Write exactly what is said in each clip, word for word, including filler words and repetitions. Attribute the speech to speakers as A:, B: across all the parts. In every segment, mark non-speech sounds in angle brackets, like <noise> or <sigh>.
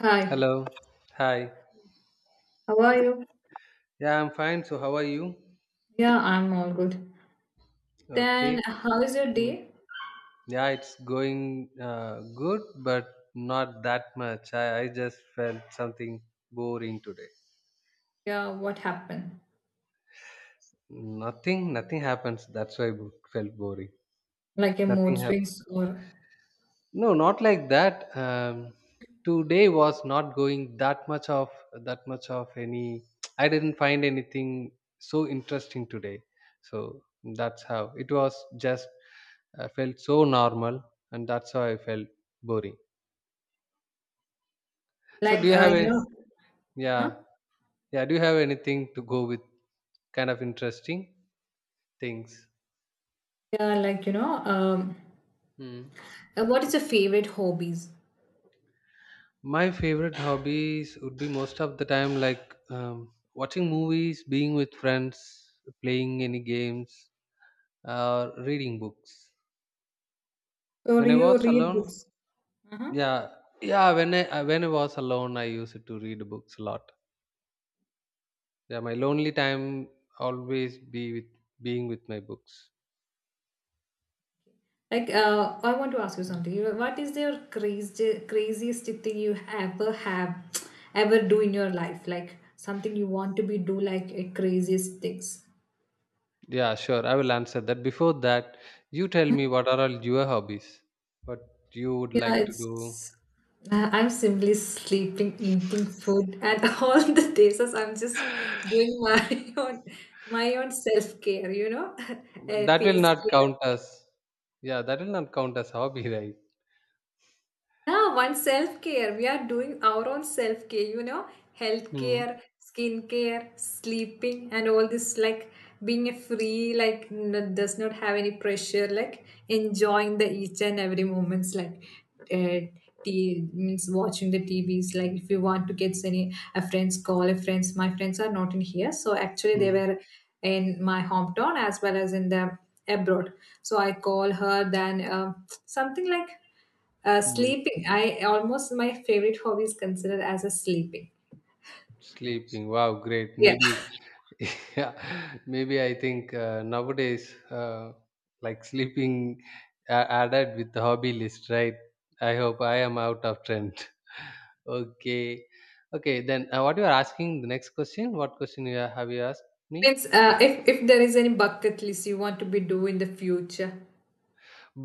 A: Hi,
B: Hello. Hi.
A: how are you?
B: Yeah, I'm fine. So, how are you?
A: Yeah, I'm all good.
B: Okay.
A: Then, how is your
B: Mm.
A: day?
B: Yeah, it's going uh, good, but not that much. I, I just felt something boring today.
A: Yeah, what happened?
B: Nothing, nothing happens. That's why I bo- felt boring.
A: Like a mood
B: Nothing happened.
A: swings or
B: No, not like that. Um, today was not going that much of that much of any. <tsk> I didn't find anything so interesting today. So that's how it was. Just I felt so normal, and that's how I felt boring. So, do
A: like
B: you
A: uh,
B: have
A: you
B: any?
A: know, uh-huh.
B: Yeah. Yeah? Do you have anything to go with kind of interesting things?
A: Yeah, like you know, um,
B: Hmm.
A: uh, what is your favorite hobbies?
B: My favorite hobbies would be most of the time like um, watching movies, being with friends, playing any games, or reading books.
A: Or
B: When
A: do
B: I was
A: you read
B: alone,
A: books? Uh-huh.
B: yeah, yeah. When I I- when I was alone, I used to read books a lot. Yeah, my lonely time always be with being with my books.
A: Like, uh, I want to ask you something. You- know, What is your crazy, craziest thing you ever have, <tsk> ever do in your life? Like something you want to be do, like a craziest things.
B: Yeah, sure. I will answer that. Before that, you tell me, what are all your hobbies? What you would
A: Yeah,
B: like to do?
A: it's. I- I'm simply sleeping, eating food, and <laughs> all the days as I'm just doing my <laughs> own my own self care. You know, <laughs>
B: But
A: uh,
B: that will
A: face
B: not
A: care.
B: count as, yeah, that will not count as hobby, <laughs> right?
A: Yeah, one self care. We are doing our own self care, you know, health
B: Hmm.
A: care, skin sleeping, and all this like being a free, like n- does not have any pressure, like enjoying the each and every moments, like uh, t- means watching the T Vs. Like if you want to get any a friend's call, a friends, my friends are not in here, so actually they
B: Hmm.
A: were in my hometown as well as in the abroad. So I call her then uh, something like uh,
B: Hmm.
A: sleeping. I almost my favorite hobby is considered as a sleeping.
B: Sleeping. Wow, great.
A: Yeah,
B: Maybe <laughs> yeah, maybe I think uh, nowadays uh, like sleeping a- added with the hobby list, right? I hope I am out of trend. <laughs> Okay. Okay, then uh, what you are asking, the next question, what question you are- have you asked me?
A: means uh, if if there is any bucket list you want to be do in the future.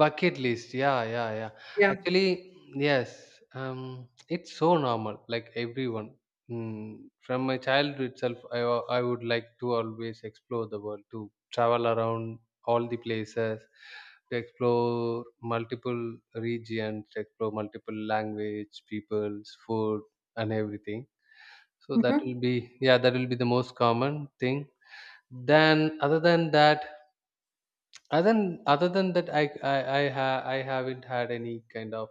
B: Bucket list. Yeah, yeah, yeah.
A: Yeah.
B: Actually, yes. Um, it's so normal, like everyone. Mm, from my childhood itself, I, wa- I would like to always explore the world, to travel around all the places, to explore multiple regions, to explore multiple language, peoples, food, and everything. So that
A: Mm-hmm.
B: will be, yeah, that will be the most common thing. Then other than that, other than other than that, I I I, ha, I haven't had any kind of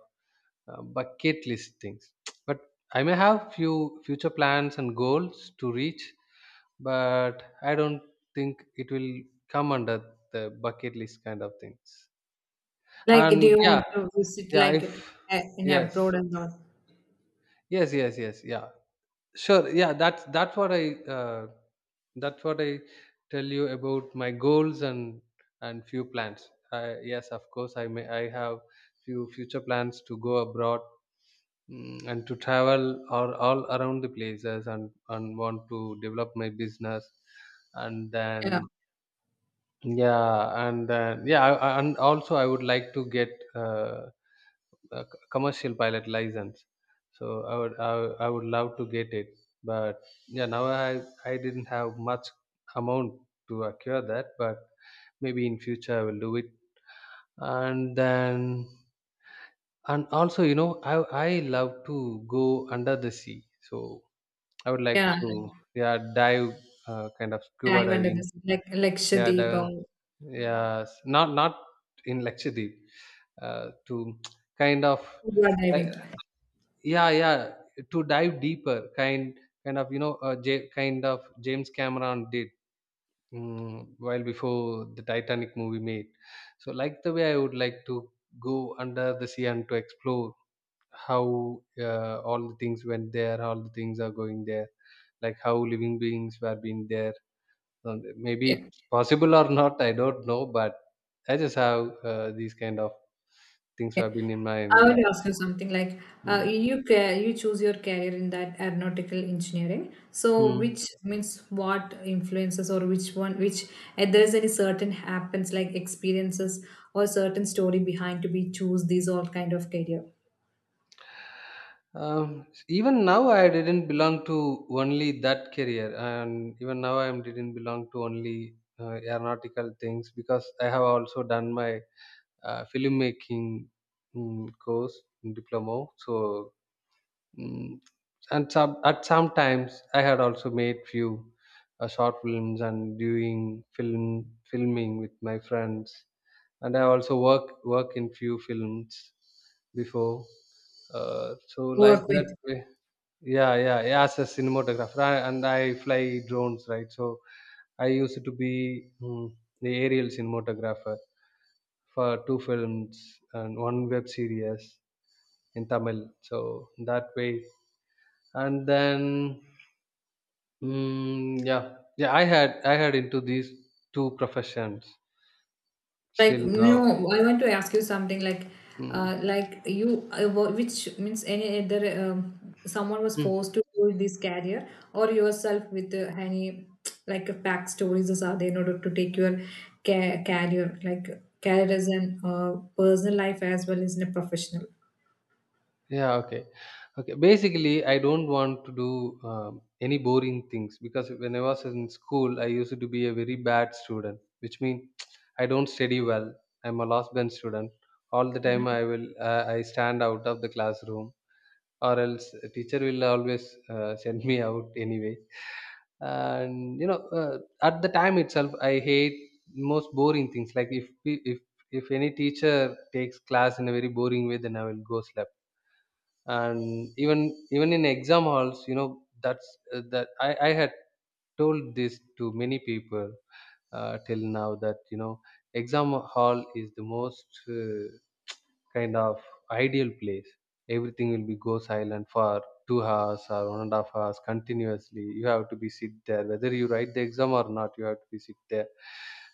B: uh, bucket list things. <tsk> But I may have few future plans and goals to reach, but I don't think it will come under the bucket list kind of things.
A: Like, do
B: And
A: you
B: yeah,
A: want to visit
B: yeah, if
A: like uh, in
B: yes,
A: abroad and all?
B: yes, yes, yes, yeah. Sure. Yeah, that's that's what I uh, that's what I tell you about my goals and and few plans. Uh, yes, of course, I may I have few future plans to go abroad, mm, and to travel all, all around the places and and want to develop my business and
A: Yeah,
B: then, yeah, and then, yeah, I, I- and also I would like to get uh, uh, c- commercial pilot license. So I would I, would- I would love to get it, but yeah, now I I didn't have much amount to acquire that, but maybe in future I will do it. And then and also, you know, I I love to go under the sea, so I would like
A: yeah.
B: to, yeah, dive, uh, kind of scuba
A: Dive under
B: diving.
A: this like like
B: Yeah,
A: Lakshadweep
B: dive,
A: or, mhm,
B: yeah, not not in Lakshadweep. Uh, to <tsk> kind of,
A: scuba diving.
B: yeah, yeah, to dive deeper, kind kind of you know, uh, J- kind of James Cameron did, mm, while before the Titanic movie made. So like the way I would like to go under the sea and to explore how, uh, all the things went there all the things are going there, like how living beings were being there. Um, maybe
A: Yeah.
B: it's possible or not, I don't know, but I just have uh, these kind of things
A: Okay,
B: have been in
A: I
B: mind, yeah.
A: would ask you something like uh,
B: Mm.
A: you ca- you choose your career in that aeronautical engineering. So
B: Mm.
A: which means what influences or which one, which, if there is any certain happens like experiences or certain story behind to be choose these all kind of career.
B: Um, even now, I didn't belong to only that career, and even now, I am didn't belong to only uh, aeronautical things because I have also done my uh, filmmaking mm, course diploma. So, mm, and some at some times, I had also made few uh, short films and doing film filming with my friends, and I also work work in few films before. Uh, so like
A: Work with.
B: that way, yeah, yeah, yeah. As a cinematographer, I, and I fly drones, right? So I used to be, mm, the aerial cinematographer for two films and one web series in Tamil. So that way, and then, mm, yeah, yeah. I had I had into these two professions.
A: Like
B: Still now,
A: no, I want to ask you something. Like,
B: mm,
A: uh, like you, uh, wha- which means any other um, someone was forced to do this career, or yourself with uh, any like uh, backstories or something in order to take your ca- career, like career as an uh, personal life as well as in a professional.
B: yeah, okay. Okay. Basically, I don't want to do um, any boring things because when I was in school, I used to be a very bad student, which means <tsk> I don't study well. I'm a last bench student. All the time, I will uh, I stand out of the classroom, or else a teacher will always uh, <laughs> send me out anyway. And you know, uh, at the time itself, I hate most boring things. Like if if if any teacher takes class in a very boring way, then I will go slap. And even even in exam halls, you know, that's, uh, that I, I had told this to many people uh, till now that, you know, exam hall is the most, uh, kind of ideal place. Everything will be go silent for two hours or one and a half hours continuously. You have to be sit there whether you write the exam or not. You have to be sit there,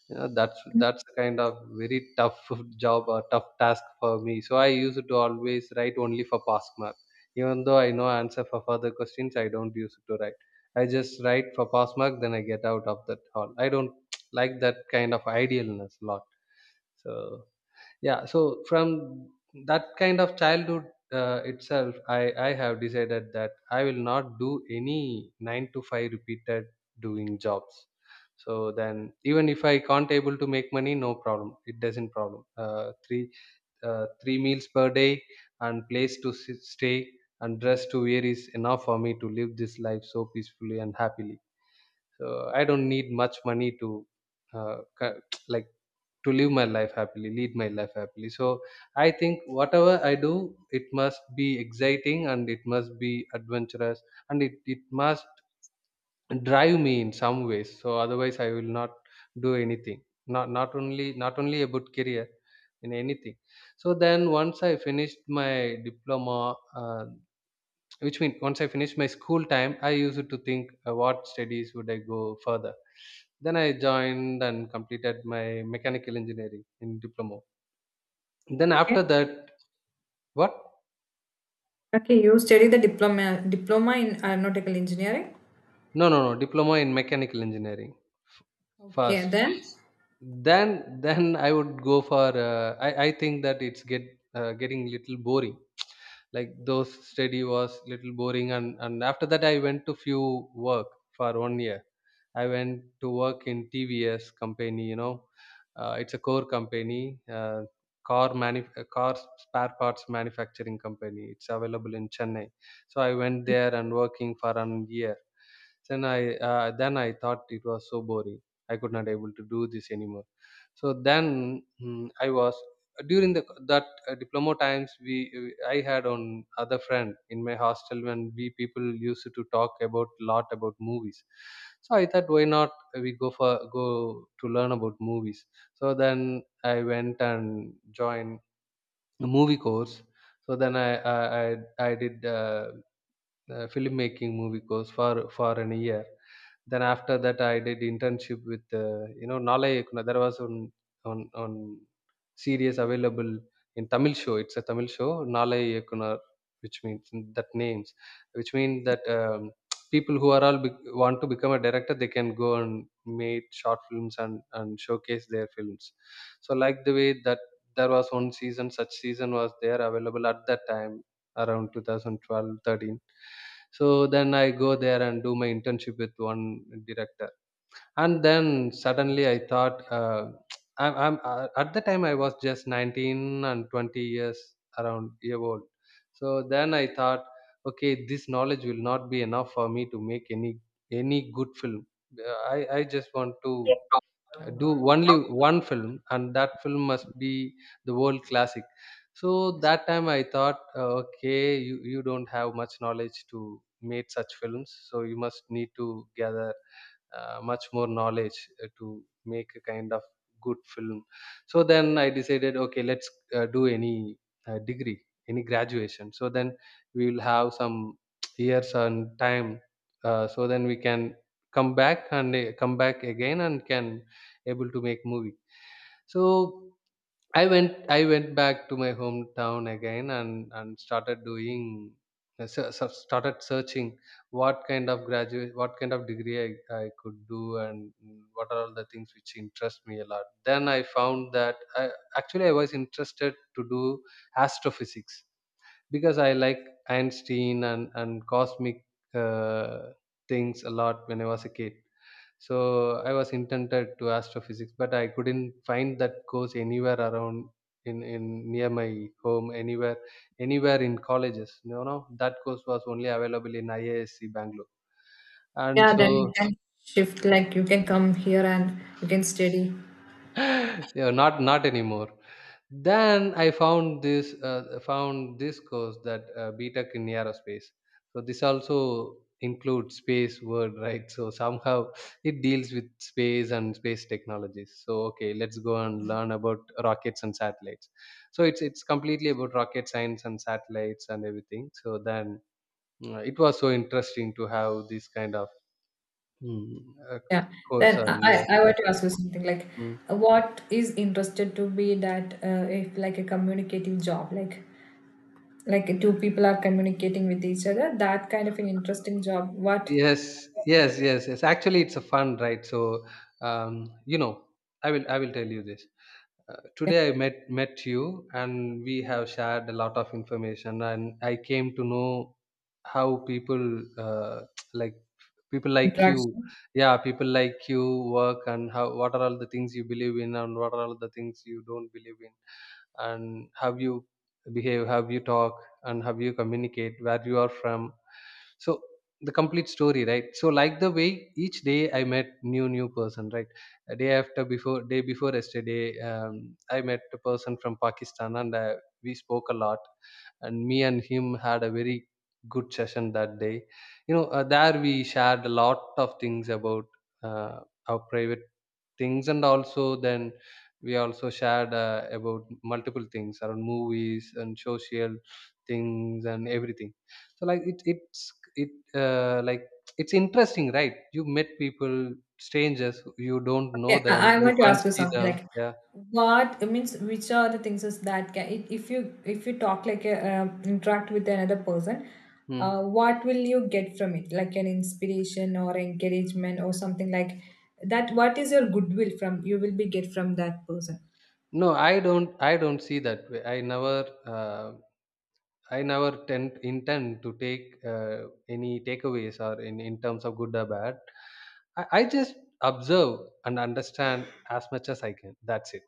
B: you know. that's that's kind of very tough <laughs> job or tough task for me. So I used to always write only for pass mark. Even though I know answer for further questions, I don't use to write. I just write for pass mark, then I get out of that hall. I don't <tsk> like that kind of idealness a lot. So yeah, so from that kind of childhood uh, itself, i i have decided that I will not do any nine to five repeated doing jobs. So then, even if I can't able to make money, no problem, it doesn't problem, uh, three uh, three meals per day and place to sit, stay and dress to wear is enough for me to live this life so peacefully and happily. So I don't need much money to uh, ca- <tsk> like to live my life happily lead my life happily. So I think whatever I do, it must be exciting and it must be adventurous, and it, it must drive me in some ways. So otherwise, I will not do anything, not not only not only about career, in anything. So then, once I finished my diploma, uh, which means once I finished my school time, I used to think uh, what studies would I go further. Then I joined and completed my mechanical engineering in diploma. Then
A: Okay.
B: after that, what?
A: Okay, you study the diploma diploma in aeronautical engineering.
B: No, no, no, diploma in mechanical engineering f-
A: Okay,
B: first.
A: then
B: Then, then I would go for. Uh, I I think that it's get uh, getting little boring, like those study was little boring, and and after that I went to few work for one year. I went to work in TVS company, you know, uh, it's a core company, uh, car manuf- uh, car spare parts manufacturing company. It's available in Chennai. So I went there and working for an year. then i uh, then I thought it was so boring. I could not able to do this anymore. So then, mm, I was during the that uh, diploma times. We uh, I had on other friend in my hostel, when we people used to talk about lot about movies. So I thought, why not we go for go to learn about movies. So then I went and joined a movie course. So then i i i, I did uh, uh, filmmaking movie course for for an year. Then after that, I did internship with uh, you know Nalai. Ekuna. There was on on on series available in Tamil show. It's a Tamil show, Nalai Yekunar, which means that names, which means that um, people who are all be- want to become a director, they can go and make short films and and showcase their films. So like the way that there was one season, such season was there available at that time around two thousand twelve, thirteen. So then I go there and do my internship with one director. And then suddenly I thought, uh, <tsk> I'm, I'm uh, at the time I was just nineteen and twenty years around year old. So then I thought, okay, this knowledge will not be enough for me to make any any good film. Uh, i i just want to uh, do only one film, and that film must be the world classic. So that time I thought, uh, okay, you, you don't have much knowledge to make such films, so you must need to gather uh, much more knowledge uh, to make a kind of good film. So then I decided, okay, let's uh, do any uh, degree, any graduation, so then we will have some <tsk> years and time, uh, so then we can come back and uh, come back again and can able to make movie. So I went I went back to my hometown again and and started doing uh, se- se- started searching what kind of graduate, what kind of degree I, I could do, and mm, what are all the things which interest me a lot. Then I found that, I, actually I was interested to do astrophysics, because I like Einstein and and cosmic uh, things a lot when I was a kid. So I was intended to astrophysics, but I couldn't find that course anywhere around, in, in near my home, anywhere anywhere in colleges. You know, that course was only available in IASc, Bangalore. And
A: yeah, then you
B: so
A: can shift. Like you can come here and you can study.
B: <laughs> yeah, not not anymore. Then I found this uh, found this course that uh, BTech in aerospace. So this also includes space word, right? So somehow it deals with space and space technologies. So okay, let's go and learn about rockets and satellites. So it's it's completely about rocket science and satellites and everything. So then uh, it was so interesting to have this kind of mm, uh,
A: Yeah.
B: course.
A: Then I,
B: And yeah,
A: I I want to
B: yeah.
A: ask you something like,
B: Mm.
A: what is interested to be that uh, if like a communicative job, like like two people are communicating with each other, that kind of an interesting job. What
B: Yes, yes, yes, yes. Actually, it's a fun, right? So, um, you know, I will, I will tell you this. Uh, today, I met met you, and we have shared a lot of information, and I came to know how people, uh, <tsk> like people like you,
A: interaction?
B: yeah, people like you work, and how, what are all the things you believe in, and what are all the things you don't believe in, and how you behave, how you talk, and how you communicate, where you are from. So the complete story, right? So like the way, each day I met new new person, right? A day after, before, day before yesterday, um, I met a person from Pakistan, and uh, we spoke a lot, and me and him had a very good session that day. You know uh, there we shared a lot of things about uh, our private things, and also then we also shared uh, about multiple things around movies and social things and everything. So like it it's it uh, like it's interesting, right? You met people, strangers, you don't know
A: Okay,
B: them,
A: I, I
B: you
A: want to
B: can't
A: ask you
B: see
A: something
B: them.
A: like
B: Yeah.
A: what it means which are the things is that can if if you if you talk like a, uh, interact with another person uh,
B: Hmm.
A: what will you get from it like an inspiration or encouragement or something like that, what is your goodwill from you will be get from that person?
B: No, I don't. I don't see that way. I never. Uh, I never tend, intend to take uh, any takeaways or, in, in terms of good or bad. I, I just observe and understand as much as I can. That's it.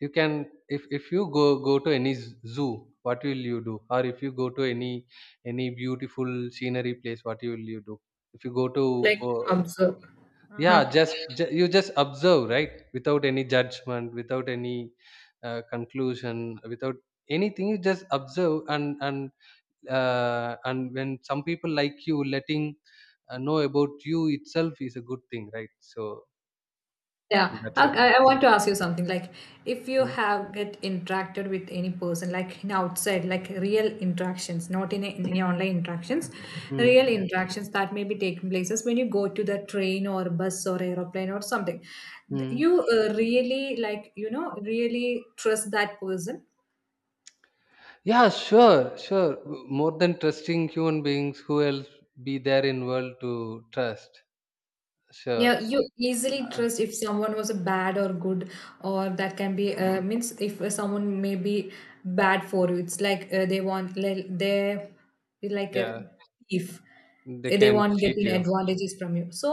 B: You can if, if you go go to any z- zoo, what will you do? Or if you go to any any beautiful scenery place, what will you do? If you go to
A: Like,
B: uh,
A: observe.
B: yeah, just ju- you just observe, right, without any judgment, without any uh, conclusion, without anything. You just observe, and and uh, and when some people like you letting uh, know about you itself is a good thing, right? So
A: Yeah,
B: that's
A: I,
B: it.
A: I I
B: Mm.
A: want to ask you something. Like, if you
B: Mm.
A: have get interacted with any person, like in outside, like real interactions, not in, a, in any online interactions,
B: Mm.
A: real interactions that may be taking places when you go to the train or bus or aeroplane or something,
B: Mm.
A: you uh, really like you know really trust that person.
B: Yeah, sure, sure. More than trusting human beings, who else be there in world to trust? Sure.
A: Yeah, you easily
B: Uh,
A: trust if someone was a bad or good, or that can be uh, means if uh, someone may be bad for you. It's like uh, they want li- they like a
B: yeah,
A: thief.
B: they
A: Uh, They
B: can
A: want
B: cheat
A: getting
B: you.
A: advantages from you. So,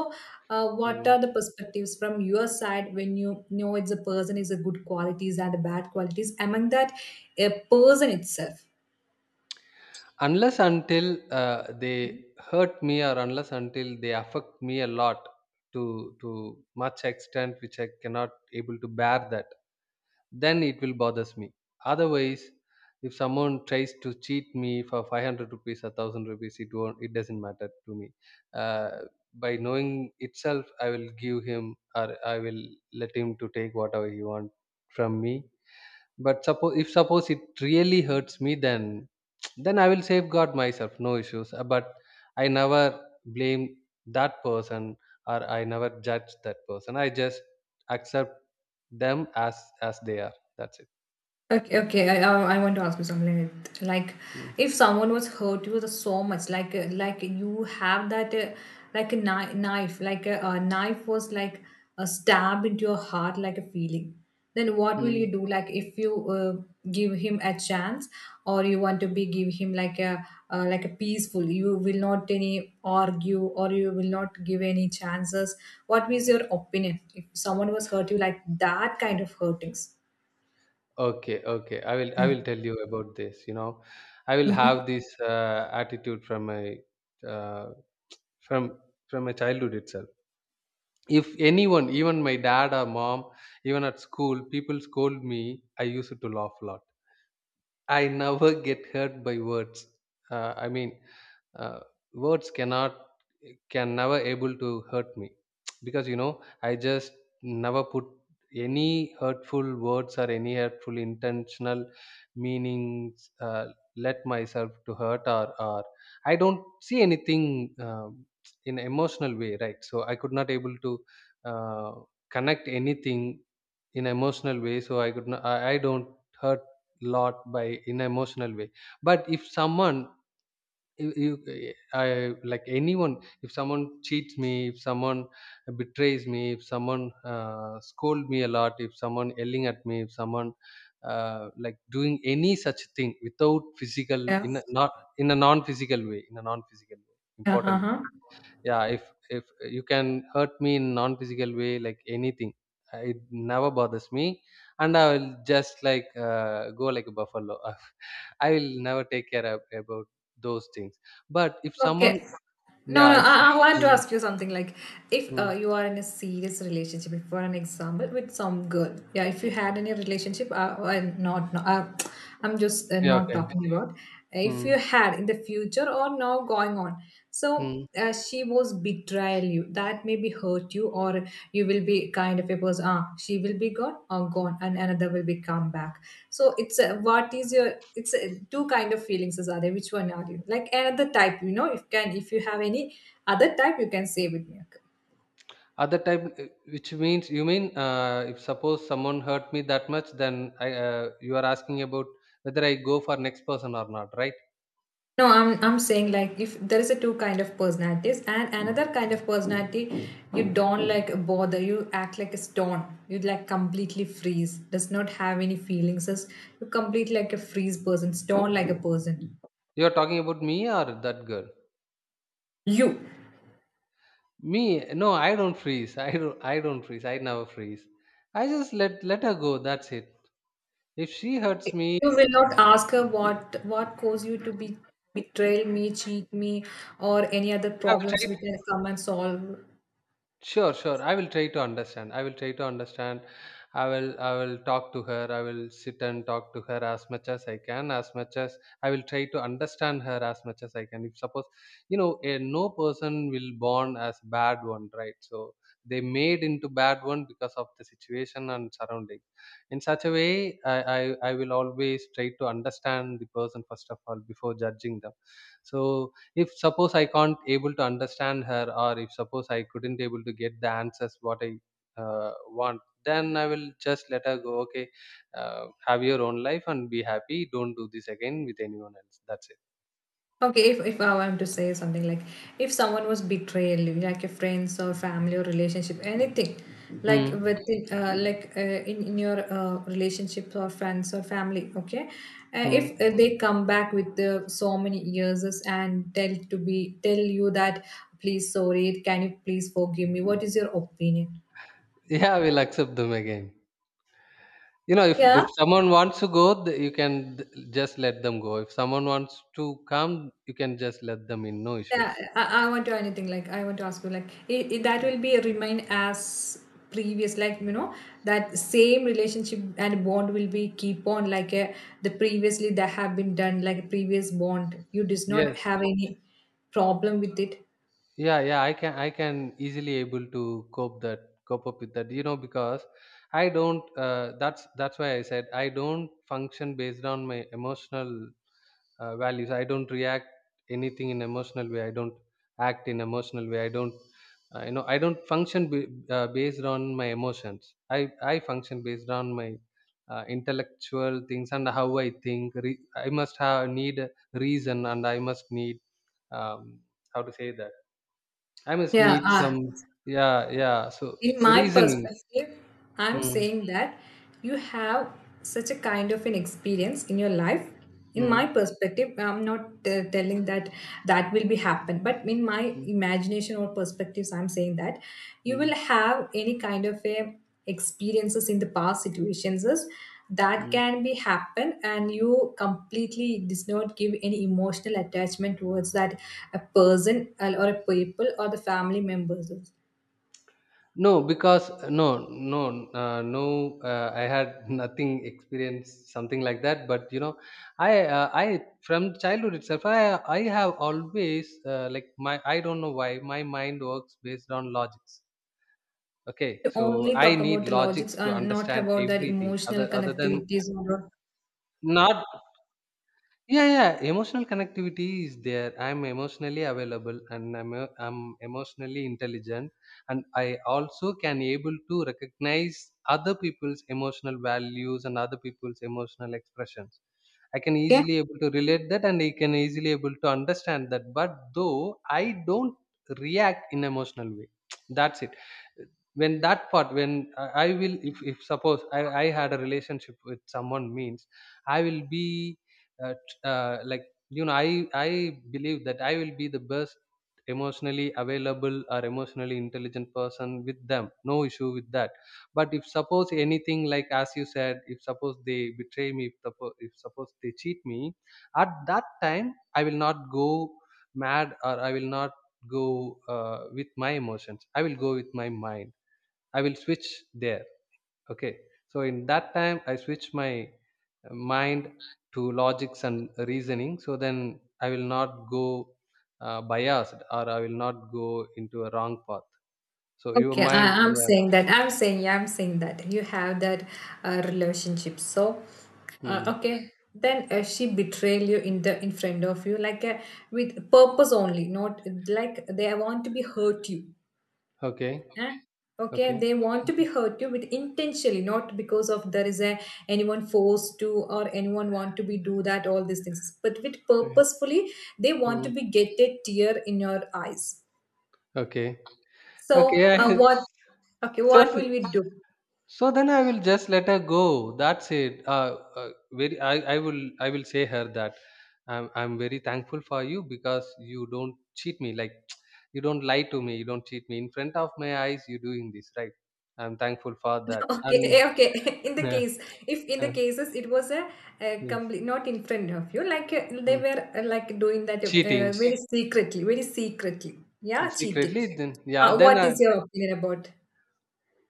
A: uh, what
B: Mm.
A: are the perspectives from your side when you know it's a person is a good qualities and the bad qualities among that a person itself?
B: Unless until uh, they hurt me, or unless until they affect me a lot, to to much extent which I cannot able to bear that, then it will bothers me. Otherwise, if someone tries to cheat me for five hundred rupees or one thousand rupees, it won't it doesn't matter to me, uh, by knowing itself, I will give him, or I will let him to take whatever he want from me. But suppose if suppose it really hurts me, then then I will safeguard myself, no issues. Uh, But I never blame that person, or I never judge that person. I just accept them as as they are. That's it.
A: Okay, okay. I, I I want to ask you something like, like,
B: Mm.
A: if someone was hurt you so much, like uh, like you have that uh, like a kni- knife, like a, a knife was like a stab into your heart, like a feeling. Then what will you
B: Mm.
A: do? Like if you uh, give him a chance, or you want to be give him like a uh, like a peaceful. You will not any argue, or you will not give any chances. What is your opinion if someone was hurt you like that kind of hurtings?
B: Okay, okay. I will I will tell you about this. You know, I will
A: Mm-hmm.
B: have this uh, attitude from my uh, from from my childhood itself. If anyone, even my dad or mom, even at school people scold me, I used to laugh a lot. I never get hurt by words. Uh, I mean, uh, words cannot can never able to hurt me, <tsk> because you know I just never put any hurtful words or any hurtful intentional meanings, uh, let myself to hurt or or I don't see anything, um <tsk> in emotional way, right? So I could not able to uh, connect anything in emotional way. So I could not. I, I don't hurt lot by, in an emotional way. But if someone, you, you I like anyone, if someone cheats me, if someone betrays me, if someone uh, scold me a lot, if someone yelling at me, if someone uh, like doing any such thing without physical,
A: Yeah.
B: in a not, in a non physical way, in a non physical way
A: Yeah,
B: important.
A: uh-huh.
B: Yeah, if if you can hurt me in non physical way, like anything, uh, it never bothers me, and I will just like uh, go like a buffalo. <laughs> I will never take care of, about those things. But if someone,
A: Okay. No,
B: yeah,
A: no,
B: if so-
A: I, I want to
B: mm,
A: ask you something like if
B: mm,
A: uh, you are in a serious relationship, if for an example, with some girl, yeah, if you had any relationship, uh, I'm not, no, uh, I'm just uh,
B: yeah,
A: not
B: okay.
A: talking about if you
B: Mm,
A: had in the future or now going on. So,
B: mm.
A: uh, she was betrayal you that maybe hurt you, or you will be kind of a person, ah she will be gone, or gone and another will be come back, so it's a, what is your, it's a, two kind of feelings is are there, which one are you like another type, you know if can if you have any other type you can say with me, okay?
B: Other type, uh, which means you mean, uh, if suppose someone hurt me that much, then I, uh, you are asking about whether I go for next person or not, right?
A: No, I'm I'm saying like if there is a two kind of personalities and another kind of personality, you don't like bother, you act like a stone, you like completely freeze, does not have any feelings, is you complete like a freeze person, stone like a person.
B: You are talking about me or that girl?
A: you
B: Me? No, I don't freeze. I don't. I don't freeze. I never freeze. I just let let her go. That's it. If she hurts
A: you
B: me,
A: will not ask her what what caused you to be betray me, cheat me, or any other
B: I will
A: problems which
B: try.
A: can come and solve?
B: Sure, sure. I will try to understand. I will try to understand. I will I will talk to her. I will sit and talk to her as much as I can, as much as I will try to understand her as much as I can. If suppose, you know, a no person will born as bad one, right? So they made into bad one because of the situation and surrounding. In such a way, I, I, I will always try to understand the person first of all before judging them. So if suppose I can't able to understand her, or if suppose I couldn't able to get the answers what I uh, want, then I will just let her go. Okay, uh, have your own life and be happy, don't do this again with anyone else. That's it.
A: Okay, if, if I want to say something like if someone was betrayed, like a friends or family or relationship, anything, like
B: Mm.
A: with uh, like uh, in in your uh, relationships or friends or family, okay, uh,
B: Mm.
A: if uh, they come back with uh, so many years and tell to be tell you that please sorry, can you please forgive me? What is your opinion?
B: <laughs> Yeah, we'll accept them again. You know if
A: Yeah.
B: if someone wants to go, th- you can, th- just let them go. If someone wants to come, you can just let them in, no
A: Yeah,
B: issues.
A: I, I want to anything like I want to ask you like it, it, that will be remain as previous, like you know that same relationship and bond will be keep on, like uh, the previously that have been done, like a previous bond you does not
B: Yes.
A: have any problem with it.
B: Yeah, yeah, i can i can easily able to cope that cope up with that. You know because I don't, uh, that's that's why I said I don't function based on my emotional uh, values. I don't react anything in emotional way. I don't act in emotional way. I don't, uh, you know I don't function, b- uh, based on my emotions. I i function based on my uh, intellectual things and how I think. Re- I must have need a reason, and I must need, um, how to say that, I must
A: Yeah,
B: need
A: uh,
B: some, yeah, yeah. So
A: in my
B: reasoning.
A: perspective, I'm
B: Mm.
A: saying that you have such a kind of an experience in your life. In my
B: Mm.
A: perspective, I'm not uh, telling that that will be happen, but in my
B: Mm.
A: imagination or perspectives, I'm saying that you will
B: Mm.
A: have any kind of a experiences in the past situations is that
B: Mm.
A: can be happen, and you completely does not give any emotional attachment towards that a person, or or a people, or the family members.
B: No, because no, no, uh, no. Uh, I had <laughs> nothing experience something like that. But you know, I, uh, I from childhood itself, I, I have always uh, like my. I don't know why my mind works based on logics. Okay,
A: To
B: so
A: only
B: I
A: talk
B: need
A: about the logics
B: logics to
A: and not
B: understand
A: about that
B: everything.
A: emotional
B: Other, other than
A: connectivities or.
B: not. Yeah, yeah. Emotional connectivity is there. I'm emotionally available, and I'm e- I'm emotionally intelligent, and I also can able to recognize other people's emotional values and other people's emotional expressions. I can
A: Okay,
B: easily able to relate that, and I can easily able to understand that. But though I don't react in emotional way, <tsk> that's it. When that part, when I I will, if, if suppose I, I had a relationship with someone means, I will be uh, t- uh, like, you know, I, I believe that I will be the best emotionally available or emotionally intelligent person with them. No issue with that. But if suppose anything, like as you said, if suppose they betray me, if, suppo- if suppose they cheat me, at that time, I will not go mad, or I will not go uh, with my emotions. I will go with my mind. I will switch there. Okay. So in that time, I switch my uh, mind to logics and reasoning, so then I will not go uh, biased, or I will not go into a wrong path. So your
A: okay.
B: mind,
A: I, i'm
B: yeah.
A: saying that i'm saying yeah, I'm saying that you have that uh, relationship, so uh,
B: Hmm.
A: okay, then uh, she betrayed you in the in front of you, like uh, with purpose only, not like they want to be hurt you.
B: Okay.
A: Eh? Okay,
B: Okay.
A: they want to be hurt you with intentionally, not because of there is a anyone forced to or anyone want to be do that all these things, but with
B: Okay.
A: purposefully they want to
B: Hmm.
A: be get a tear in your eyes.
B: Okay.
A: So
B: Okay.
A: uh,
B: I,
A: what? Okay,
B: <laughs> so
A: what will we do?
B: so then I will just let her go. That's it. Uh, uh, very. I, I will I will say her that I'm I'm very thankful for you, because you don't cheat me. Like <tsk> you don't lie to me. You don't cheat me in front of my eyes. You're doing this, right. I'm thankful for that.
A: <laughs> Okay,
B: And
A: eh, okay. <laughs> In the
B: <laughs> uh,
A: case, if in the
B: uh,
A: cases it was a, a,
B: uh,
A: complete not in front of you, like uh, they
B: mm,
A: were uh, like doing that uh,
B: cheating
A: very secretly, very secretly. Yeah, cheating.
B: secretly. Then yeah.
A: Uh,
B: Then
A: what
B: I,
A: is your opinion about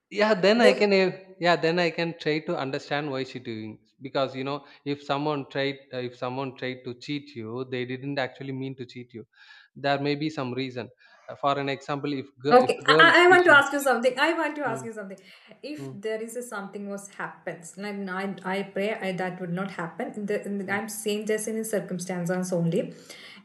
B: yeah, then I
A: then?
B: can uh, yeah, then I can try to understand why she doing, because you know if someone tried uh, if someone tried to cheat you, they didn't actually mean to cheat you. There may be some reason. Uh, for an example, if girl if
A: Okay,
B: a girl
A: I, I I want
B: cheats,
A: to
B: you-.
A: ask you something. I want to ask
B: Mm.
A: you something. If
B: Mm.
A: there is a something was happens, and I, I pray I, that would not happen. In the, in the-
B: Mm.
A: I'm saying just in circumstances only.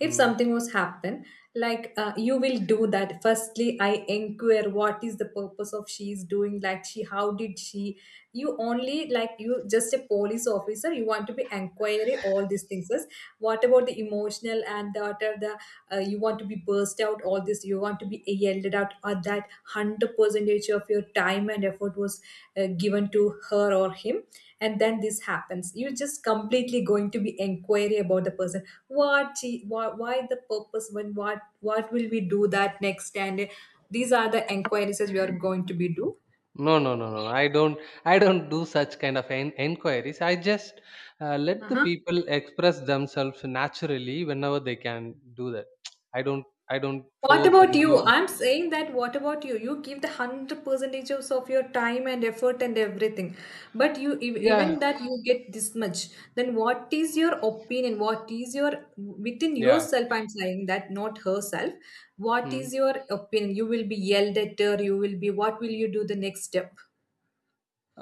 A: If
B: Mm.
A: something was happen, like uh, you will do that. Firstly, I inquire what is the purpose of she is doing. Like she, how did she? You only like you just a police officer. You want to be inquiry all these things. First, what about the emotional and the, uh, you want to be burst out all this, you want to be yelled out, or that one hundred percentage of your time and effort was uh, given to her or him, and then this happens, you're just completely going to be inquiry about the person, what she, why, why the purpose, when, what what will we do that next, and uh, these are the inquiries that we are going to be do.
B: No, no, no, no, no. I don't, I don't do such kind of en- enquiries. I just uh, let the
A: Uh-huh.
B: people express themselves naturally whenever they can do that. <tsk> I don't, I don't
A: What
B: force
A: about
B: and
A: you?
B: go.
A: I'm saying that what about you? You give the hundred percentages of of your time and effort and everything, but you ev-
B: Yeah,
A: even that you get this much. Then what is your opinion? What is your within
B: yeah.
A: yourself? I'm saying that not herself. What
B: Hmm.
A: is your opinion? You will be yelled at her. You will be. What will you do the next step?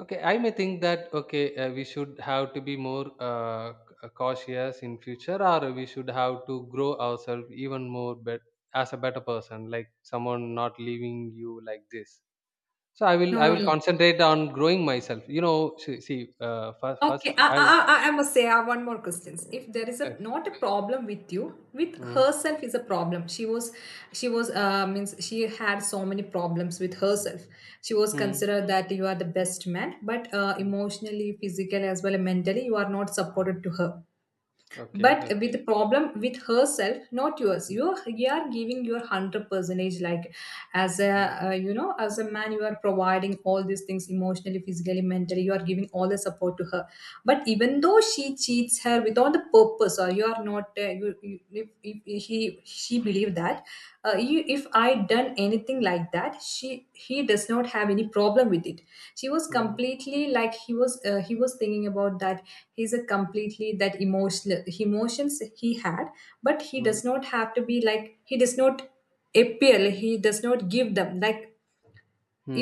B: Okay, I may think that, okay, uh, we should have to be more uh, c- cautious in future, or we should have to grow ourselves even more, but as a better person, like someone not leaving you like this. So I will
A: No,
B: I
A: no,
B: will
A: no.
B: concentrate on growing myself. You know, see, see uh, first first
A: Okay, I,
B: I will.
A: I, I I must say, I have one more question. If there is a
B: Uh,
A: not a problem with you, with
B: mm.
A: herself is a problem. She was, she was, uh, means she had so many problems with herself. She was
B: Mm.
A: considered that you are the best man, but uh,
B: Mm.
A: emotionally, physically, as well as mentally, you are not supported to her,
B: Okay,
A: but with
B: okay.
A: the problem with herself not yours,
B: Mm.
A: you you are giving your one hundred percentage, like as a
B: Mm.
A: uh, you know as a man, you are providing all these things emotionally, physically, mentally, you are giving all the support to her, but even though she cheats her without the purpose, or you are not uh, you, you if, if, if he she believe that uh, you, if I done anything like that, she he does not have any problem with it. She was
B: Mm.
A: completely like he was uh, he was thinking about that. He's a completely that emotional emotions he had, but he
B: Mm.
A: does not have to be like he does not appeal, he does not give them, like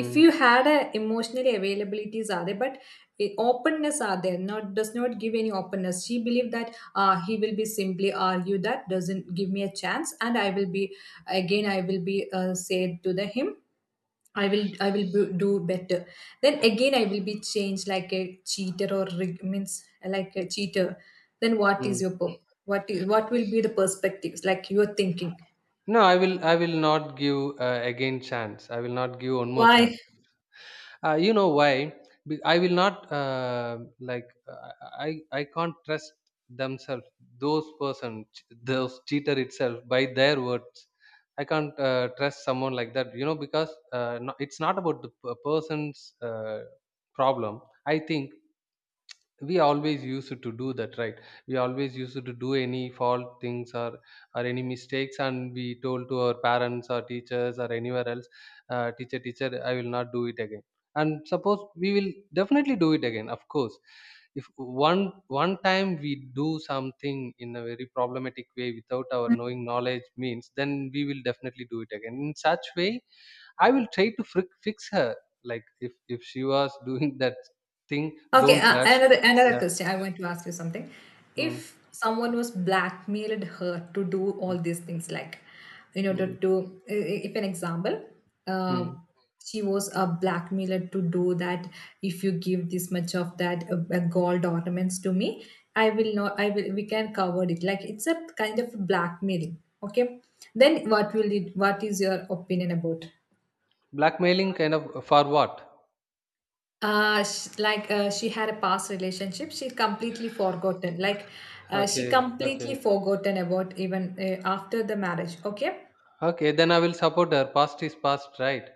A: if you had a emotionally availabilities are there, but eh, openness are there not, does not give any openness. She believed that uh, he will be simply argue, that doesn't give me a chance, and I will be, again I will be uh, said to the him. I will I will b- do better. Then again I will be changed like a cheater, or rig- means like a cheater. Then what is
B: Mm.
A: your pur- what is what will be the perspectives like you're thinking?
B: No, I will I will not give uh, again chance. I will not give one more chance.
A: Why?
B: Uh, you know why? Be- I will not uh, like uh, I I can't trust themselves. Those person, ch- those cheater itself by their words. I can't uh, trust someone like that. You know because uh, no, it's not about the p- person's uh, problem. I think we always used to do that, right? We always used to do any fault things, or or any mistakes, and we told to our parents or teachers or anywhere else, uh, teacher, teacher, I will not do it again. And suppose we will definitely do it again, of course. If one one time we do something in a very problematic way without our knowing knowledge means, then we will definitely do it again in such way. I will try to fric- fix her, like if if she was <laughs> doing that thing.
A: Okay,
B: Don't
A: uh,
B: rush.
A: another another question. I want to ask you something. If
B: Mm.
A: someone was blackmailed her to do
B: Mm.
A: all these things, like in order
B: Mm.
A: to, i- i- if an example, uh,
B: Mm.
A: she was a blackmailer to do that. If you give this much of that uh, uh, gold ornaments to me, I will not. I will. We can cover it. Like it's a kind of blackmailing. Okay. Then what will it? What is your opinion about?
B: Blackmailing kind of, uh, for what?
A: Uh sh- like uh, she had a past relationship, she completely forgotten, like uh, she
B: Okay,
A: completely
B: okay,
A: forgotten about, even uh, after the marriage, okay.
B: okay. Then I will support her. Past is past, right?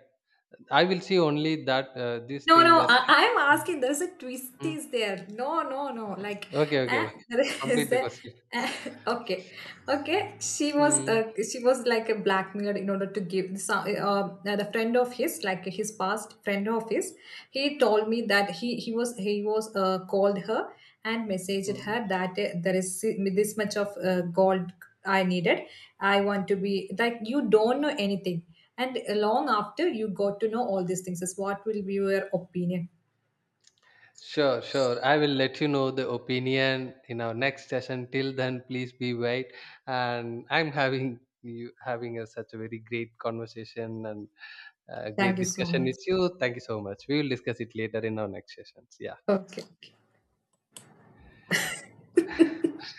B: I will see only that uh, this
A: No,
B: thing
A: no,
B: that.
A: I, I'm asking. There's a twist
B: Mm,
A: is there. No, no, no. Like,
B: okay,
A: eh,
B: okay.
A: <laughs> there
B: Complete
A: is
B: the
A: a,
B: question.
A: eh, okay, okay. She was,
B: Mm.
A: uh, she was like a blackmailer in order to give some so- uh, uh, the friend of his, like his past friend of his. He told me that he he was he was uh, called her and messaged
B: Mm.
A: her that uh, there is si, this much of uh, gold I needed. I want to be like you don't know anything. And long after you got to know all these things, is what will be your opinion?
B: Sure, sure. I will let you know the opinion in our next session. Till then, please be wait. And I'm having you having a, such a very great conversation and a
A: Thank
B: great
A: you so
B: discussion
A: much.
B: with you. Thank you so much. We will discuss it later in our next sessions. Yeah.
A: Okay.